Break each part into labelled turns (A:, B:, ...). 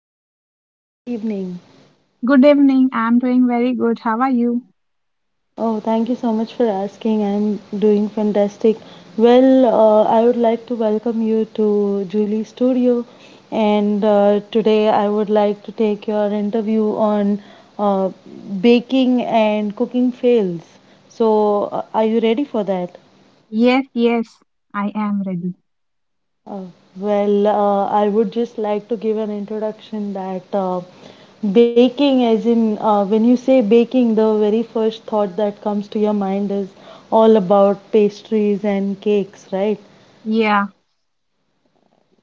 A: Doing today? Good evening.
B: Good evening. I'm doing very good. How are you?
A: Oh, thank you so much for asking. I'm doing fantastic. I would like to welcome you to Julie's studio, and today I would like to take your interview on uh, baking and cooking fails. Are you ready for that?
B: Yes, yes, I am ready.
A: Uh, I would just like to give an introduction that baking, as in when you say baking, the very first thought that comes to your mind is all about pastries and cakes, right?
B: Yeah.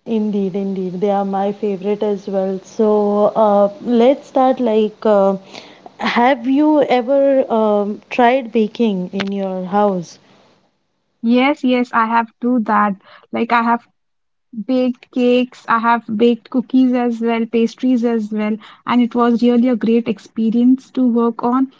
A: Indeed, indeed, they are my favorite as well. Let's start. Have you ever tried baking in your house?
B: Yes, yes, I have do that. Like I have baked cakes, I have baked cookies as well, pastries as well, and it was really a great experience to work on.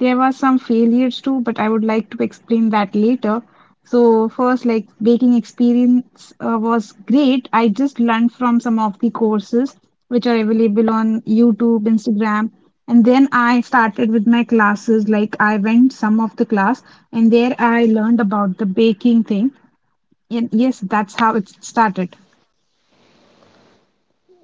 B: There were some failures too, but I would like to explain that later. So first, like baking experience was great. I just learned from some of the courses which are available on YouTube, Instagram, and then I started with my classes. Like I went some of the class, and there I learned about the baking thing. And yes, that's how it started.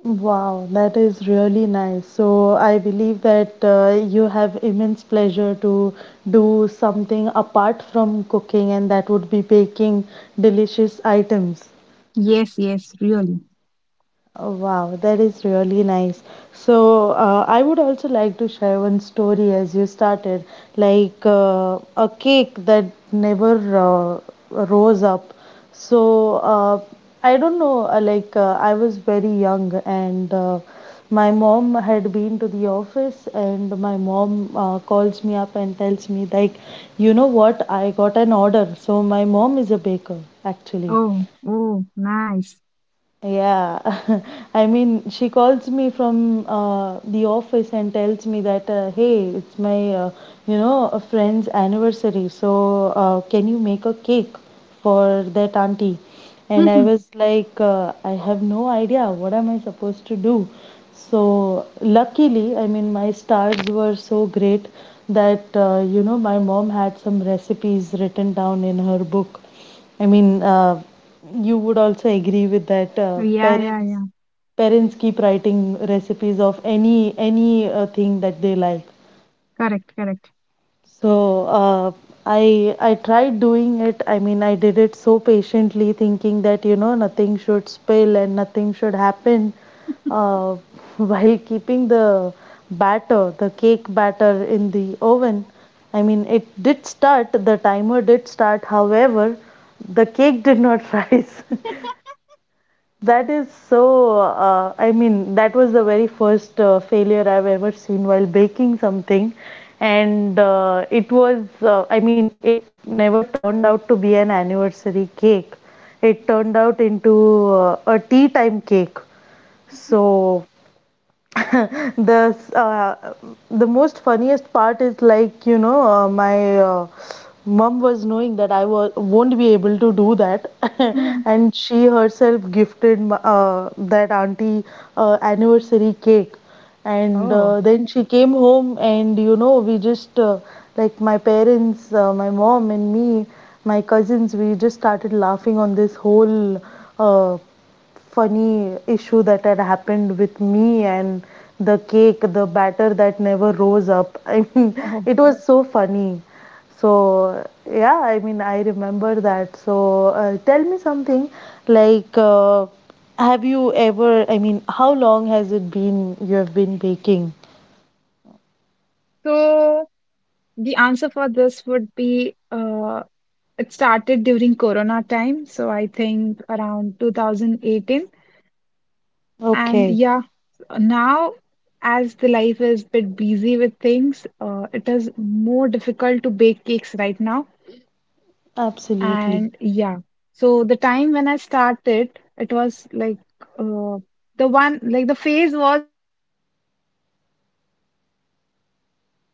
A: Wow, that is really nice. So I believe that you have immense pleasure to do something apart from cooking, and that would be baking delicious items.
B: Yes, yes, really.
A: Oh, wow, that is really nice. I would also like to share one story as you started, a cake that never rose up. So, uh, I don't know, I was very young and my mom had been to the office and my mom calls me up and tells me like, you know what, I got an order. So, my mom is a baker actually,
B: Oh, oh, nice.
A: yeah, I mean, she calls me from the office and tells me that, hey, it's my, you know, a friend's anniversary, so can you make a cake for that auntie? And I was like, I have no idea. What am I supposed to do? So luckily, I mean, my stars were so great that, you know, my mom had some recipes written down in her book. I mean, you would also agree with that
B: Yeah, yeah,
A: parents
B: yeah.
A: parents keep writing recipes of any thing that they like.
B: Correct, correct.
A: So uh, I tried doing it. I mean, I did it so patiently, thinking that you know nothing should spill and nothing should happen, uh, while keeping the batter, the cake batter, in the oven. I mean, it did start. The timer did start. However, the cake did not rise. That is so. I mean, that was the very first failure I've ever seen while baking something, and it was. I mean, it never turned out to be an anniversary cake. It turned out into a tea time cake. So the uh, the most funniest part is like you know my mom was knowing that I was won't be able to do that,
B: Hmm.
A: and she herself gifted that auntie anniversary cake, and
B: Oh,
A: then she came home and you know we just like my parents, my mom and me, my cousins, we just started laughing on this whole uh, funny issue that had happened with me and the cake, the batter that never rose up. I mean,
B: oh.
A: it was so funny. So, yeah, I mean, I remember that. Tell me something like, uh, have you ever, I mean, how long has it been you have been baking?
B: So the answer for this would be it started during Corona time. So I think around 2018. And
A: Okay,
B: yeah, now as the life is bit busy with things, it is more difficult to bake cakes right now.
A: absolutely.
B: And yeah, so the time when I started, it was like uh, the one, like the phase was everyone were baking some or other thing, correct? So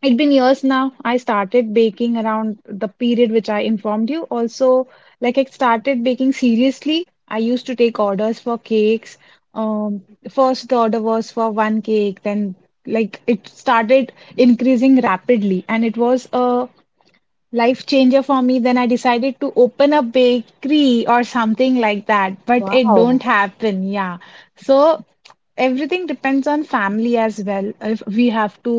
B: it's been years now. I started baking around the period which I informed you. Also, like I started baking seriously. I used to take orders for cakes. The first order was for one cake, then like it started increasing rapidly, and it was a life changer for me. Then I decided to open a bakery or something like that, but it don't
A: Wow.
B: happen. Yeah, so everything depends on family as well. If we have to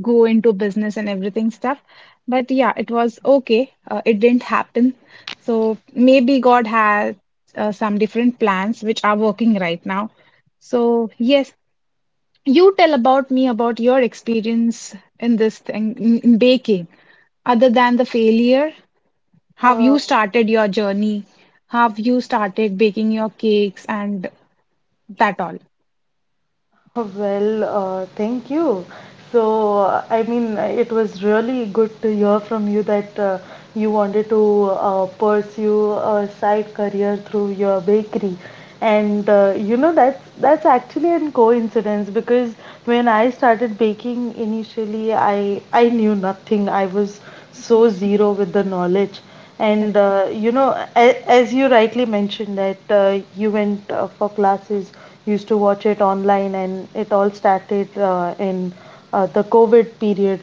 B: go into business and everything stuff, but yeah, it was okay. It didn't happen, so maybe god had some different plans which are working right now. So yes, you tell about me about your experience in this thing in baking, other than the failure, how you started your journey, how you started baking your cakes and that all.
A: Thank you. I mean, it was really good to hear from you that you wanted to pursue a side career through your bakery. And you know, that's actually a coincidence because when I started baking initially, I knew nothing. I was so zero with the knowledge. And you know, as you rightly mentioned that you went for classes, used to watch it online, and it all started in the COVID period.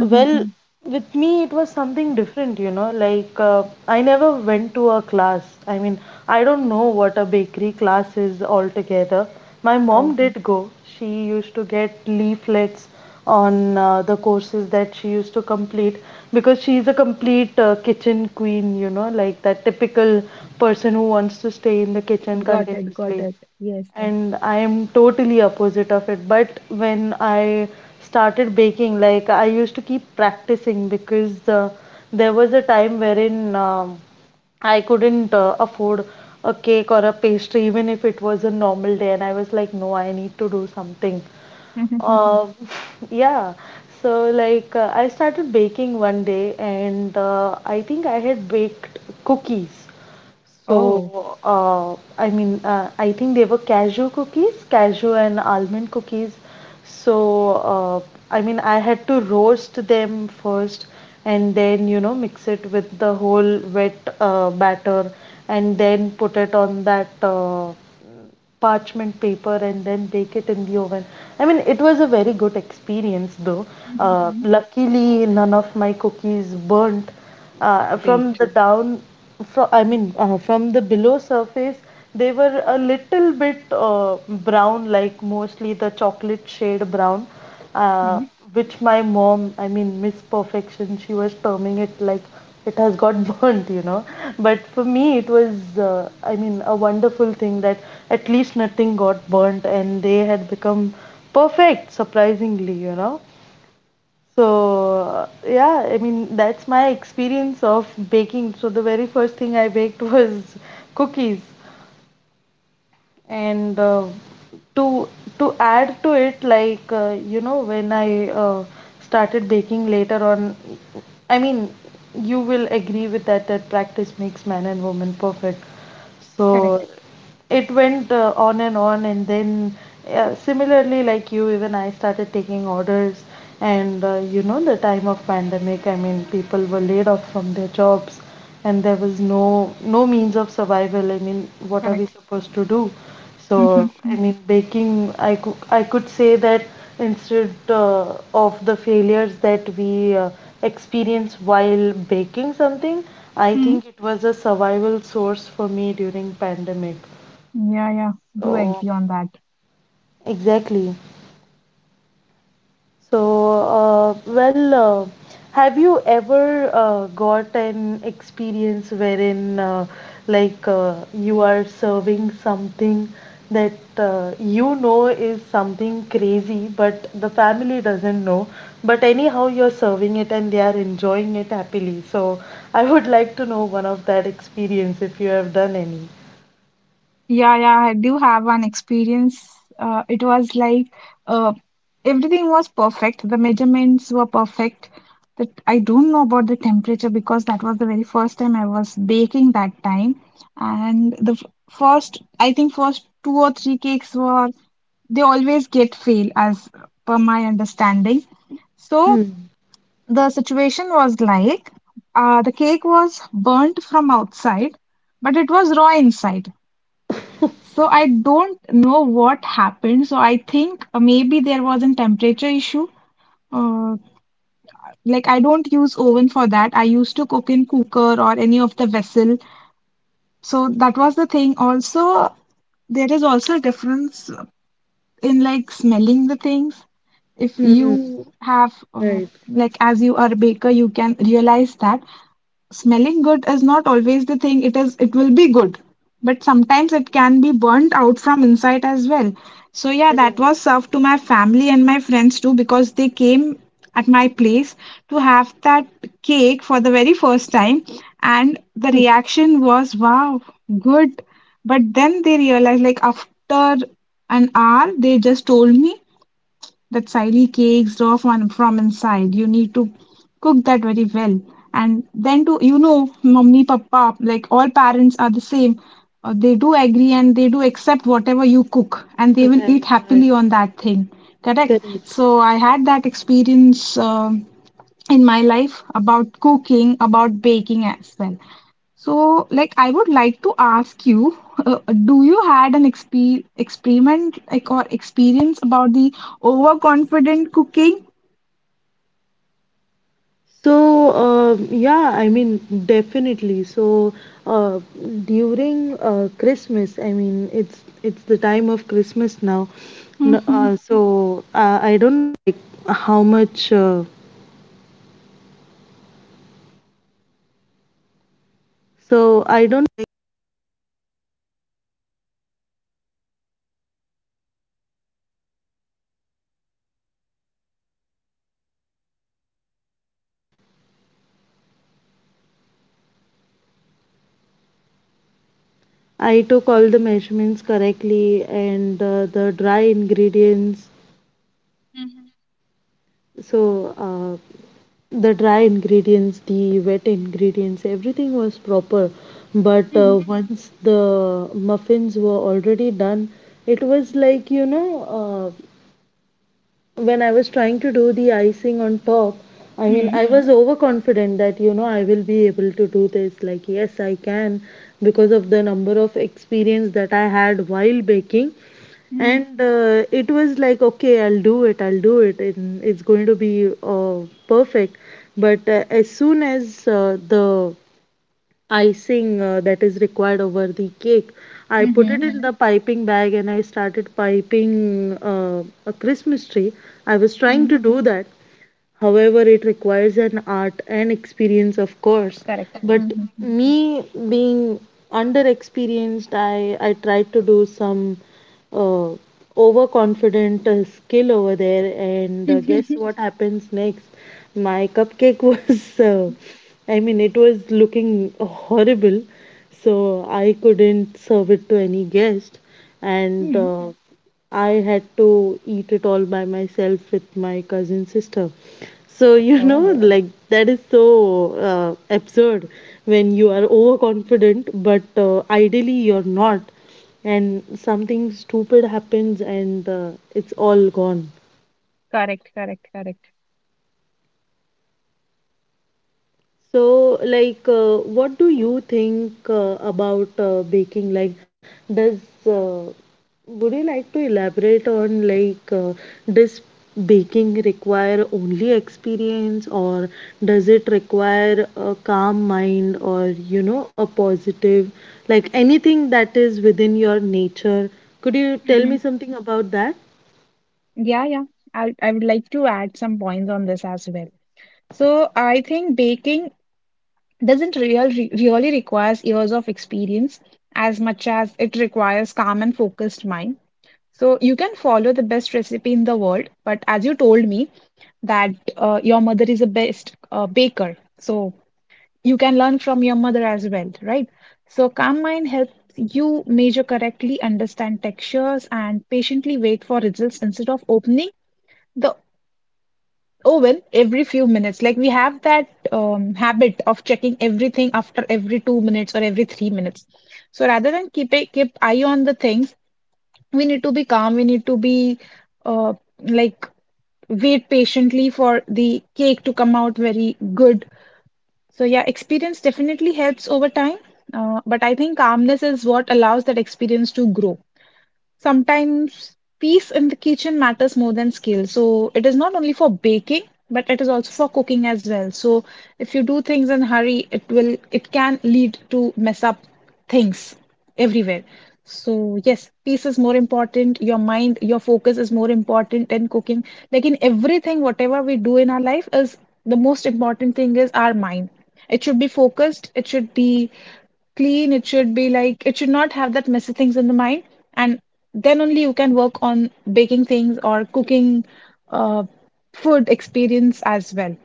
A: Well, with me, it was something different, you know. I never went to a class. I mean, I don't know what a bakery class is altogether. My
B: Oh,
A: mom did go. She used to get leaflets on the courses that she used to complete because she's a complete kitchen queen, you know, like that typical person who wants to stay in the kitchen
B: got it, got
A: continuously
B: it. Yes.
A: and I am totally opposite of it. But when I started baking, like I used to keep practicing because there was a time wherein I couldn't afford a cake or a pastry, even if it was a normal day, and I was like, no, I need to do something.
B: Mm-hmm.
A: Um, yeah, so I started baking one day, and I think I had baked cookies.
B: Oh.
A: I think they were cashew cookies, cashew and almond cookies. So, uh, I mean, I had to roast them first and then, you know, mix it with the whole wet batter and then put it on that parchment paper and then bake it in the oven. I mean, it was a very good experience though.
B: Mm-hmm.
A: Luckily, none of my cookies burnt. From
B: Great.
A: the down, fro I mean, from the below surface, they were a little bit brown, like mostly the chocolate shade brown, uh, which my mom, I mean, Miss Perfection, she was terming it like it has got burnt, you know. But for me, it was, I mean, a wonderful thing that at least nothing got burnt and they had become perfect, surprisingly, you know. Yeah, I mean, that's my experience of baking. So, the very first thing I baked was cookies. And to to add to it you know when I started baking later on, I mean, you will agree with that that practice makes man and woman perfect. So
B: Correct,
A: it went on and on, and then similarly like you, even I started taking orders, and you know the time of pandemic, I mean people were laid off from their jobs, and there was no means of survival. I mean, what are we
B: correct.
A: supposed to do? So I
B: Mm-hmm.
A: mean baking, I could say that, instead of the failures that we experience while baking something, I think it was a survival source for me during pandemic.
B: Yeah, yeah. Do
A: So,
B: agree on that.
A: exactly. So, have you ever got an experience wherein, you are serving something that you know is something crazy, but the family doesn't know, but anyhow you're serving it and they are enjoying it happily. So, I would like to know one of that experience if you have done any.
B: Yeah, yeah, I do have one experience. It was like uh, everything was perfect. The measurements were perfect. That I don't know about the temperature, because that was the very first time I was baking that time. And the first, I think first two or three cakes were, they always get fail as per my understanding. So
A: Hmm.
B: the situation was like the cake was burnt from outside, but it was raw inside. So I don't know what happened. So I think maybe there was a temperature issue. Uh, like I don't use oven for that. I used to cook in cooker or any of the vessel. So that was the thing. Also, there is also a difference in like smelling the things. If
A: Hmm.
B: you have
A: Right.
B: like as you are a baker, you can realize that. Smelling good is not always the thing it is, it will be good, but sometimes it can be burnt out from inside as well. So yeah, that was served to my family and my friends too, because they came at my place to have that cake for the very first time, and the reaction was wow, good. But then they realized, like after an hour they just told me that silly cakes raw from inside. You need to cook that very well. And then to, you know, mommy, papa, like all parents are the same. They do agree and they do accept whatever you cook, and they will eat
A: Right. Right.
B: happily on that thing. Correct.
A: Correct.
B: So I had that experience. In my life about cooking, about baking as well. So, like, I would like to ask you, uh, do you had an experiment, like or experience about the overconfident cooking?
A: Yeah, I mean, definitely. So, uh, during Christmas, I mean, it's the time of Christmas now. N-
B: Mm-hmm.
A: Uh, so, uh, I took all the measurements correctly and the dry ingredients,
B: Mhm.
A: so uh, the dry ingredients, the wet ingredients, everything was proper. But
B: Mhm.
A: once the muffins were already done, it was like, you know, when I was trying to do the icing on top, I mean, I was overconfident that, you know, I will be able to do this. Like, yes, I can, because of the number of experience that I had while baking.
B: Mhm.
A: And it was like, okay, I'll do it, I'll do it, and it's going to be perfect. But as soon as the icing that is required over the cake, I put it
B: Mhm.
A: in the piping bag and I started piping a Christmas tree, I was trying
B: Mhm.
A: to do that. However, it requires an art and experience, of course.
B: Correct.
A: But
B: Mhm.
A: me being under experienced, I tried to do some uh, overconfident skill over there. And guess what happens next? My cupcake was, I mean, it was looking horrible. So I couldn't serve it to any guest. And
B: Mhm.
A: I had to eat it all by myself with my cousin sister. So, you
B: Oh,
A: know, like that is so absurd when you are overconfident, but ideally you're not, and something stupid happens and it's all gone.
B: correct, correct, correct.
A: So, what do you think about baking? Does uh, would you like to elaborate on does baking require only experience, or does it require a calm mind, or you know, a positive, like anything that is within your nature? Could you tell me
B: Mhm.
A: something about that?
B: Yeah, yeah. I would like to add some points on this as well. So I think baking doesn't really requires years of experience as much as it requires calm and focused mind. So you can follow the best recipe in the world, but as you told me that your mother is a best baker, so you can learn from your mother as well, right? So calm mind helps you measure correctly, understand textures and patiently wait for results instead of opening the. Oh, well, every few minutes. Like we have that habit of checking everything after every 2 minutes or every 3 minutes. So rather than keep a, keep eye on the things, we need to be calm. We need to be uh, like wait patiently for the cake to come out very good. So yeah, experience definitely helps over time. But I think calmness is what allows that experience to grow. Sometimes peace in the kitchen matters more than skill. So it is not only for baking, but it is also for cooking as well. So if you do things in hurry, it will it can lead to mess up things everywhere. So yes, peace is more important. Your mind, your focus is more important than cooking. Like in everything, whatever we do in our life is the most important thing is our mind. It should be focused. It should be clean. It should be like, it should not have that messy things in the mind. And then only you can work on baking things or cooking uh, food experience as well.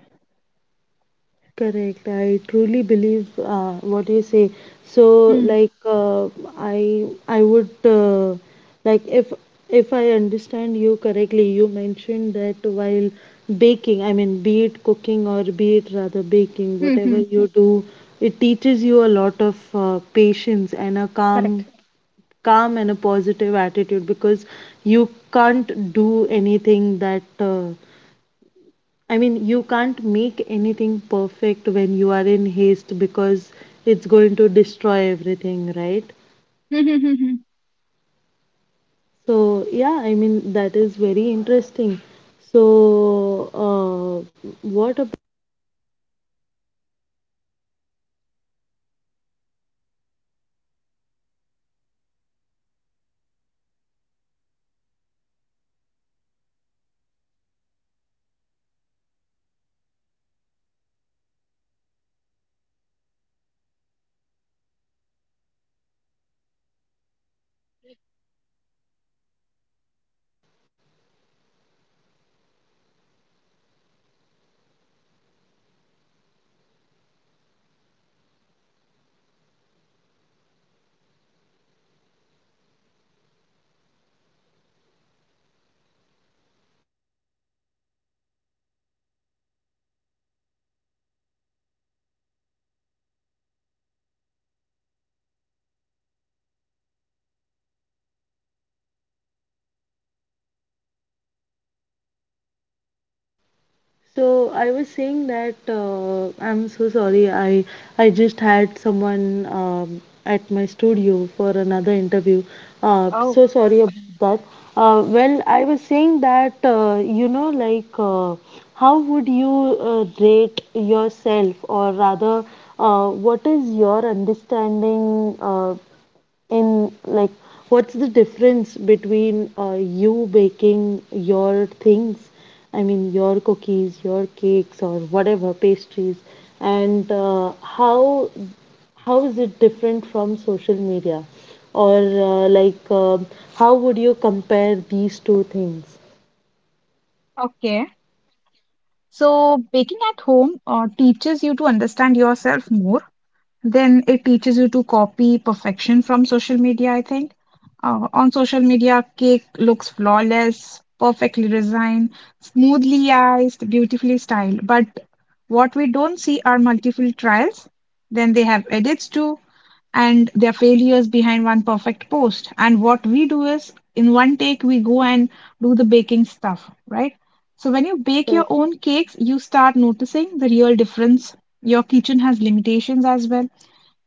A: Correct. I truly believe what you say. So,
B: Hmm.
A: like, uh, I would like, if I understand you correctly, you mentioned that while baking, I mean, be it cooking or be it rather baking,
B: Hmm.
A: whatever
B: Hmm.
A: you do, it teaches you a lot of patience and a calm
B: Correct.
A: calm and a positive attitude because you can't do anything that uh, I mean, you can't make anything perfect when you are in haste because it's going to destroy everything, right?
B: Hmm. Hmm. Hmm, hmm.
A: So, yeah, I mean, that is very interesting. So, uh, what So I was saying that I'm so sorry. I just had someone at my studio for another interview. Uh,
B: Oh,
A: so sorry about that. Well, I was saying that how would you rate yourself, or rather, what is your understanding? In like what's the difference between you baking your things, I mean your cookies, your cakes, or whatever pastries, and how is it different from social media? Or how would you compare these two things?
B: okay. So, baking at home teaches you to understand yourself more. Then it teaches you to copy perfection from social media, I think. On social media, cake looks flawless, perfectly designed, smoothly iced, beautifully styled. But what we don't see are multiple trials. Then they have edits too, and their failures behind one perfect post. And what we do is, in one take, we go and do the baking stuff, right? So when you bake your
A: Correct.
B: own cakes, you start noticing the real difference. Your kitchen has limitations as well.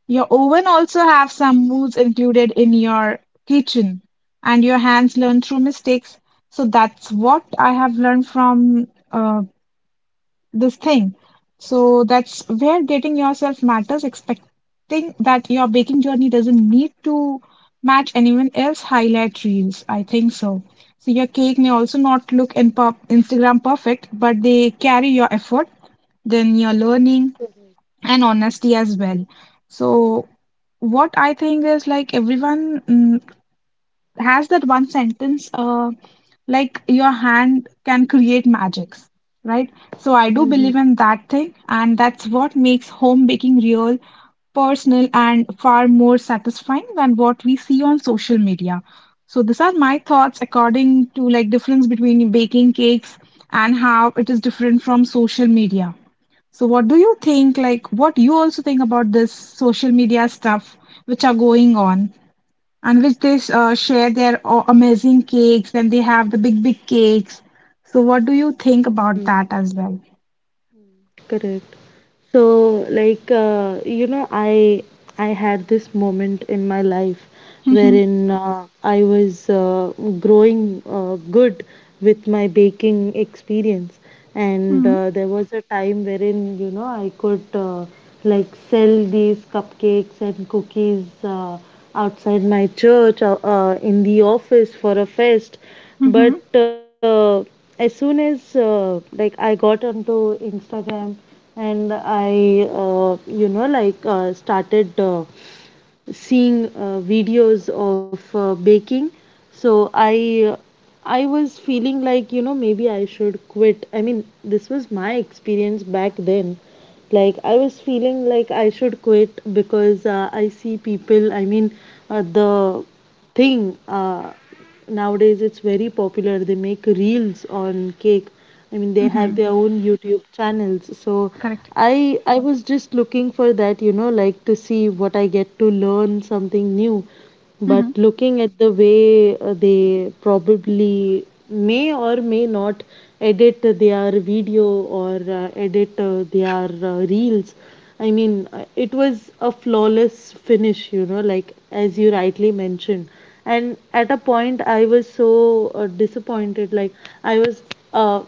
B: Your oven also have some moods included in your kitchen, and your hands learn through mistakes. So that's what I have learned from uh, this thing. So that's where getting yourself matters, expecting that your baking journey doesn't need to match anyone else highlight reels. I think so. So your cake may also not look in pop Instagram perfect, but they carry your effort, then your learning and honesty as well. So, what I think is like everyone has that one sentence, like your hand can create magics, right? So, I do
A: Mhm.
B: believe in that thing, and that's what makes home baking real, personal, and far more satisfying than what we see on social media. So, these are my thoughts according to like difference between baking cakes and how it is different from social media. So, what do you think? Like, what you also think about this social media stuff which are going on, and which they share their amazing cakes, and they have the big, big cakes. So, what do you think about that as well?
A: Correct. So, I had this moment in my life
B: Mm-hmm.
A: wherein I was growing good with my baking experience, and there was a time wherein, you know, I could like sell these cupcakes and cookies outside my church, in the office for a fest. But
B: Mm-hmm.
A: as soon as like I got onto Instagram and I uh, started seeing videos of baking, so I was feeling like, you know, maybe I should quit. I mean, this was my experience back then. Like, I was feeling like I should quit because I see people. I mean uh, the thing uh, nowadays it's very popular, they make reels on cake. I mean, they have
B: Mm-hmm.
A: their own YouTube channels. So
B: Correct.
A: I was just looking for that, you know, like to see what I get, to learn something new. But
B: Mm-hmm.
A: looking at the way they probably may or may not edit their video, or edit their reels, I mean, it was a flawless finish, you know, like as you rightly mentioned. And at a point I was so disappointed, like I was uh,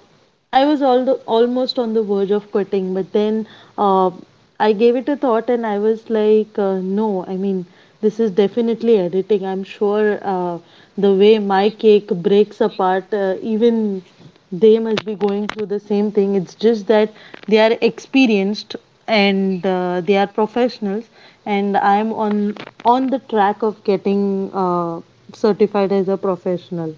A: almost on the verge of quitting. But then uh, I gave it a thought and I was like, no, I mean, this is definitely editing. I'm sure the way my cake breaks apart, even they must be going through the same thing. It's just that they are experienced and they are professionals, and I'm on the track of getting certified as a professional.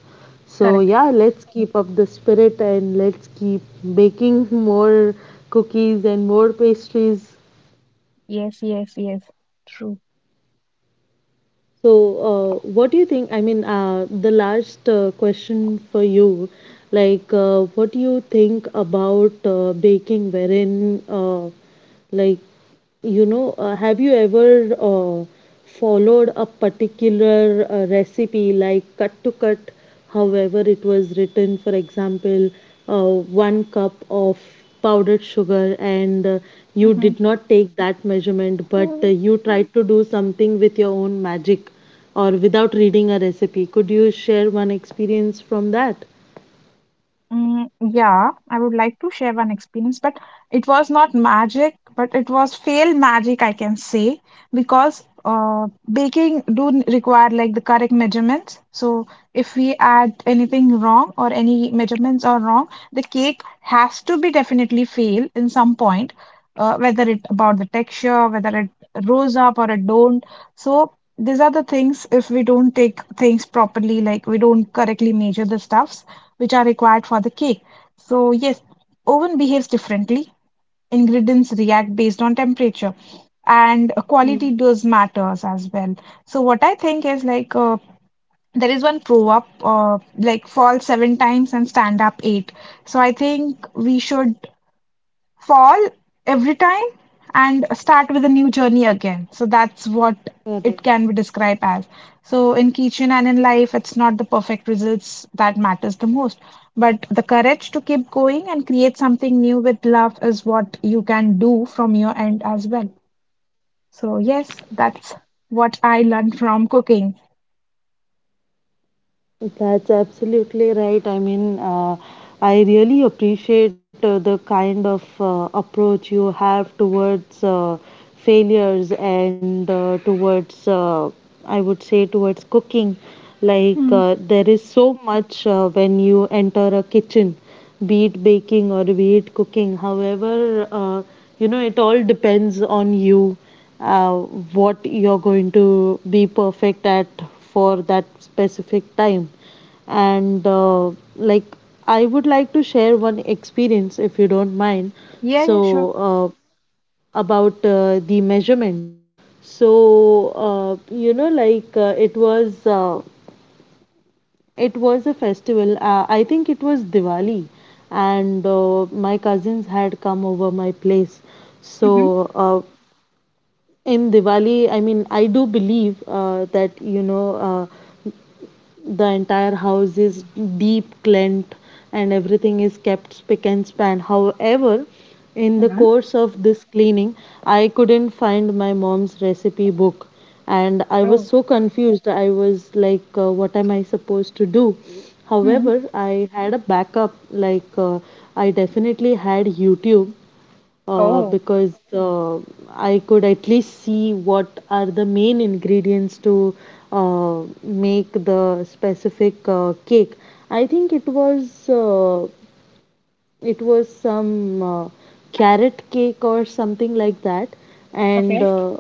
A: So
B: Correct.
A: yeah, let's keep up the spirit and let's keep baking more cookies and more pastries.
B: Yes, yes, yes. True.
A: So, what do you think? I mean, the last question for you, like, what do you think about baking, wherein, like, have you ever followed a particular recipe like cut to cut however it was written? For example, one cup of powdered sugar, and you
B: Mm-hmm.
A: did not take that measurement, but you tried to do something with your own magic, or without reading a recipe? Could you share one experience from that?
B: Mm, yeah, I would like to share one experience, but it was not magic, but it was fail magic, I can say, because baking do require like the correct measurements. So if we add anything wrong or any measurements are wrong, the cake has to be definitely fail in some point, whether it about the texture, whether it rose up or it don't. So these are the things, if we don't take things properly, like we don't correctly measure the stuffs which are required for the cake. So yes, oven behaves differently, ingredients react based on temperature, and quality
A: Mm.
B: does matters as well. So what I think is like there is one pro up like fall seven times and stand up eight. So I think we should fall every time and start with a new journey again. So that's what it
A: Correct.
B: can be described as. So in kitchen and in life, it's not the perfect results that matters the most, but the courage to keep going and create something new with love is what you can do from your end as well. So yes, that's what I learned from cooking.
A: That's absolutely right. I mean, I really appreciate the kind of approach you have towards failures and I would say, towards cooking. Like,
B: Hmm.
A: there is so much when you enter a kitchen, be it baking or be it cooking. However, you know, it all depends on you what you're going to be perfect at for that specific time. And like, I would like to share one experience if you don't mind.
B: Yeah,
A: So
B: yeah, sure.
A: about the measurements. So, you know, it was a festival, I think it was Diwali, and my cousins had come over my place.
B: Mm-hmm.
A: So in Diwali, I mean, I do believe that, you know, the entire house is deep cleaned and everything is kept spick and span. However, in the
B: Mm-hmm.
A: course of this cleaning, I couldn't find my mom's recipe book, and I was
B: Oh.
A: so confused. I was like, what am I supposed to do?
B: Mm-hmm.
A: However, I had a backup. I definitely had YouTube, uh,
B: Oh.
A: because uh, I could at least see what are the main ingredients to make the specific cake. I think it was some carrot cake or something like that, and
B: Okay.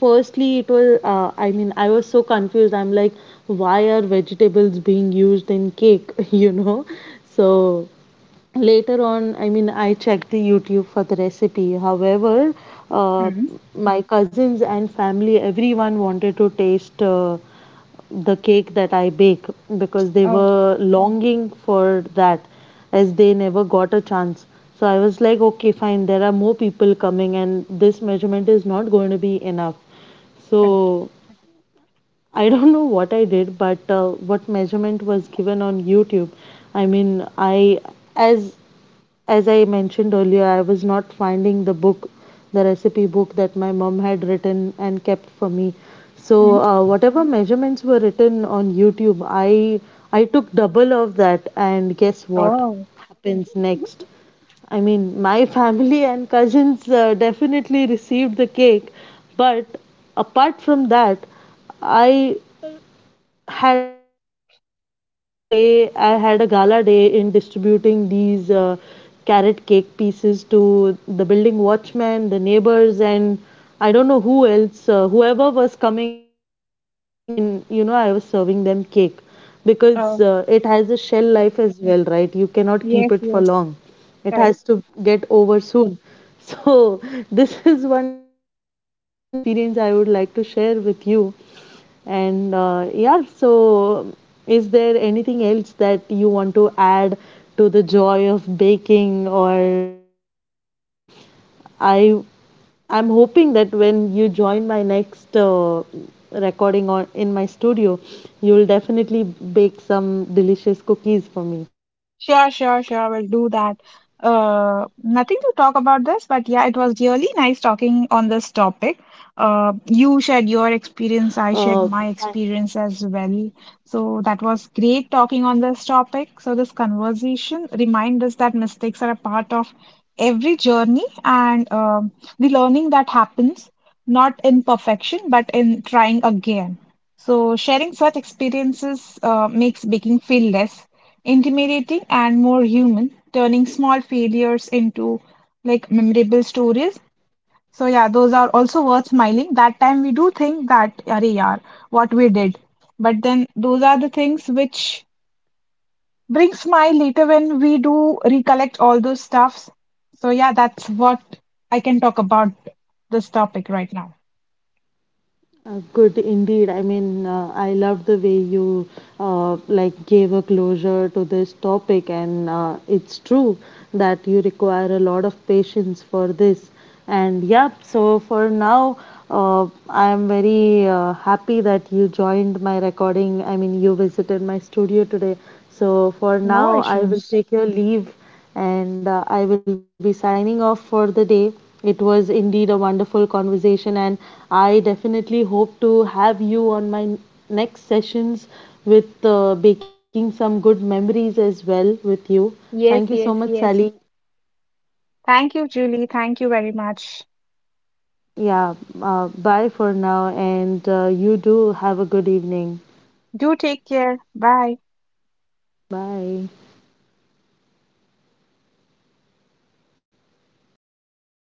A: firstly, it was, I mean, I was so confused. I'm like, why are vegetables being used in cake? You know? So later on, I mean, I checked the YouTube for the recipe. However, uh,
B: Mm-hmm.
A: my cousins and family, everyone wanted to taste the cake that I bake, because they
B: Oh.
A: were longing for that, as they never got a chance. So I was like, okay, fine, there are more people coming and this measurement is not going to be enough. So
B: Correct.
A: I don't know what I did, but what measurement was given on YouTube, I mean, I as as I mentioned earlier, I was not finding the book, the recipe book that my mom had written and kept for me. So
B: Mm-hmm.
A: whatever measurements were written on YouTube, I took double of that, and guess what
B: Oh.
A: happens next? I mean, my family and cousins definitely received the cake, but apart from that, I had a good day. I had a gala day in distributing these carrot cake pieces to the building watchmen, the neighbors, and I don't know who else, whoever was coming. I mean, you know, I was serving them cake because it has a shell
B: Oh.
A: life as well, right? You cannot keep it for long,
B: Yes,
A: it
B: yes,
A: has to get
B: correct.
A: over soon. So, this is one funny experience I would like to share with you. And yeah, so is there anything else that you want to add to the joy of baking? Or I I'm hoping that when you join my next recording on in my studio, you'll definitely bake some delicious cookies for me.
B: Sure, sure, sure. We'll do that. Nothing to talk about this, but yeah, it was
A: That is
B: really nice
A: amazing.
B: talking on
A: So,
B: this
A: yep,
B: topic.
A: for now,
B: You shared your
A: I would
B: experience,
A: say
B: I
A: that
B: shared my experience as well. So that was great talking on this topic. So this conversation reminds us that mistakes are a part of every journey, and the learning that happens, not in perfection, but in trying again. So, sharing such experiences makes baking feel less intimidating and more human, turning small failures into like memorable stories. So, yeah, those are also worth smiling. That time we do think that, "Arey yaar, what we did." But then those are the things which bring smile later when we do recollect all those stuffs. So, yeah, that's what I can talk about this topic right now.
A: good indeed. I mean, I love the way you like gave a closure to this topic, and it's true that you require a lot of patience for this. And yep, so for now, I am very happy that you joined my recording. I mean, you visited my studio today. So for
B: No
A: now, I will
B: issues.
A: take your leave and I will be signing off for the day. It was indeed a wonderful conversation, and I definitely hope to have you on my next sessions with baking some good memories as well with you. Thank you
B: Yes,
A: so much,
B: yes,
A: Sally.
B: yes. Thank you, Julie. Thank you very much.
A: Yeah, bye for now, and you do have a good evening.
B: Do take care. Bye.
A: Bye.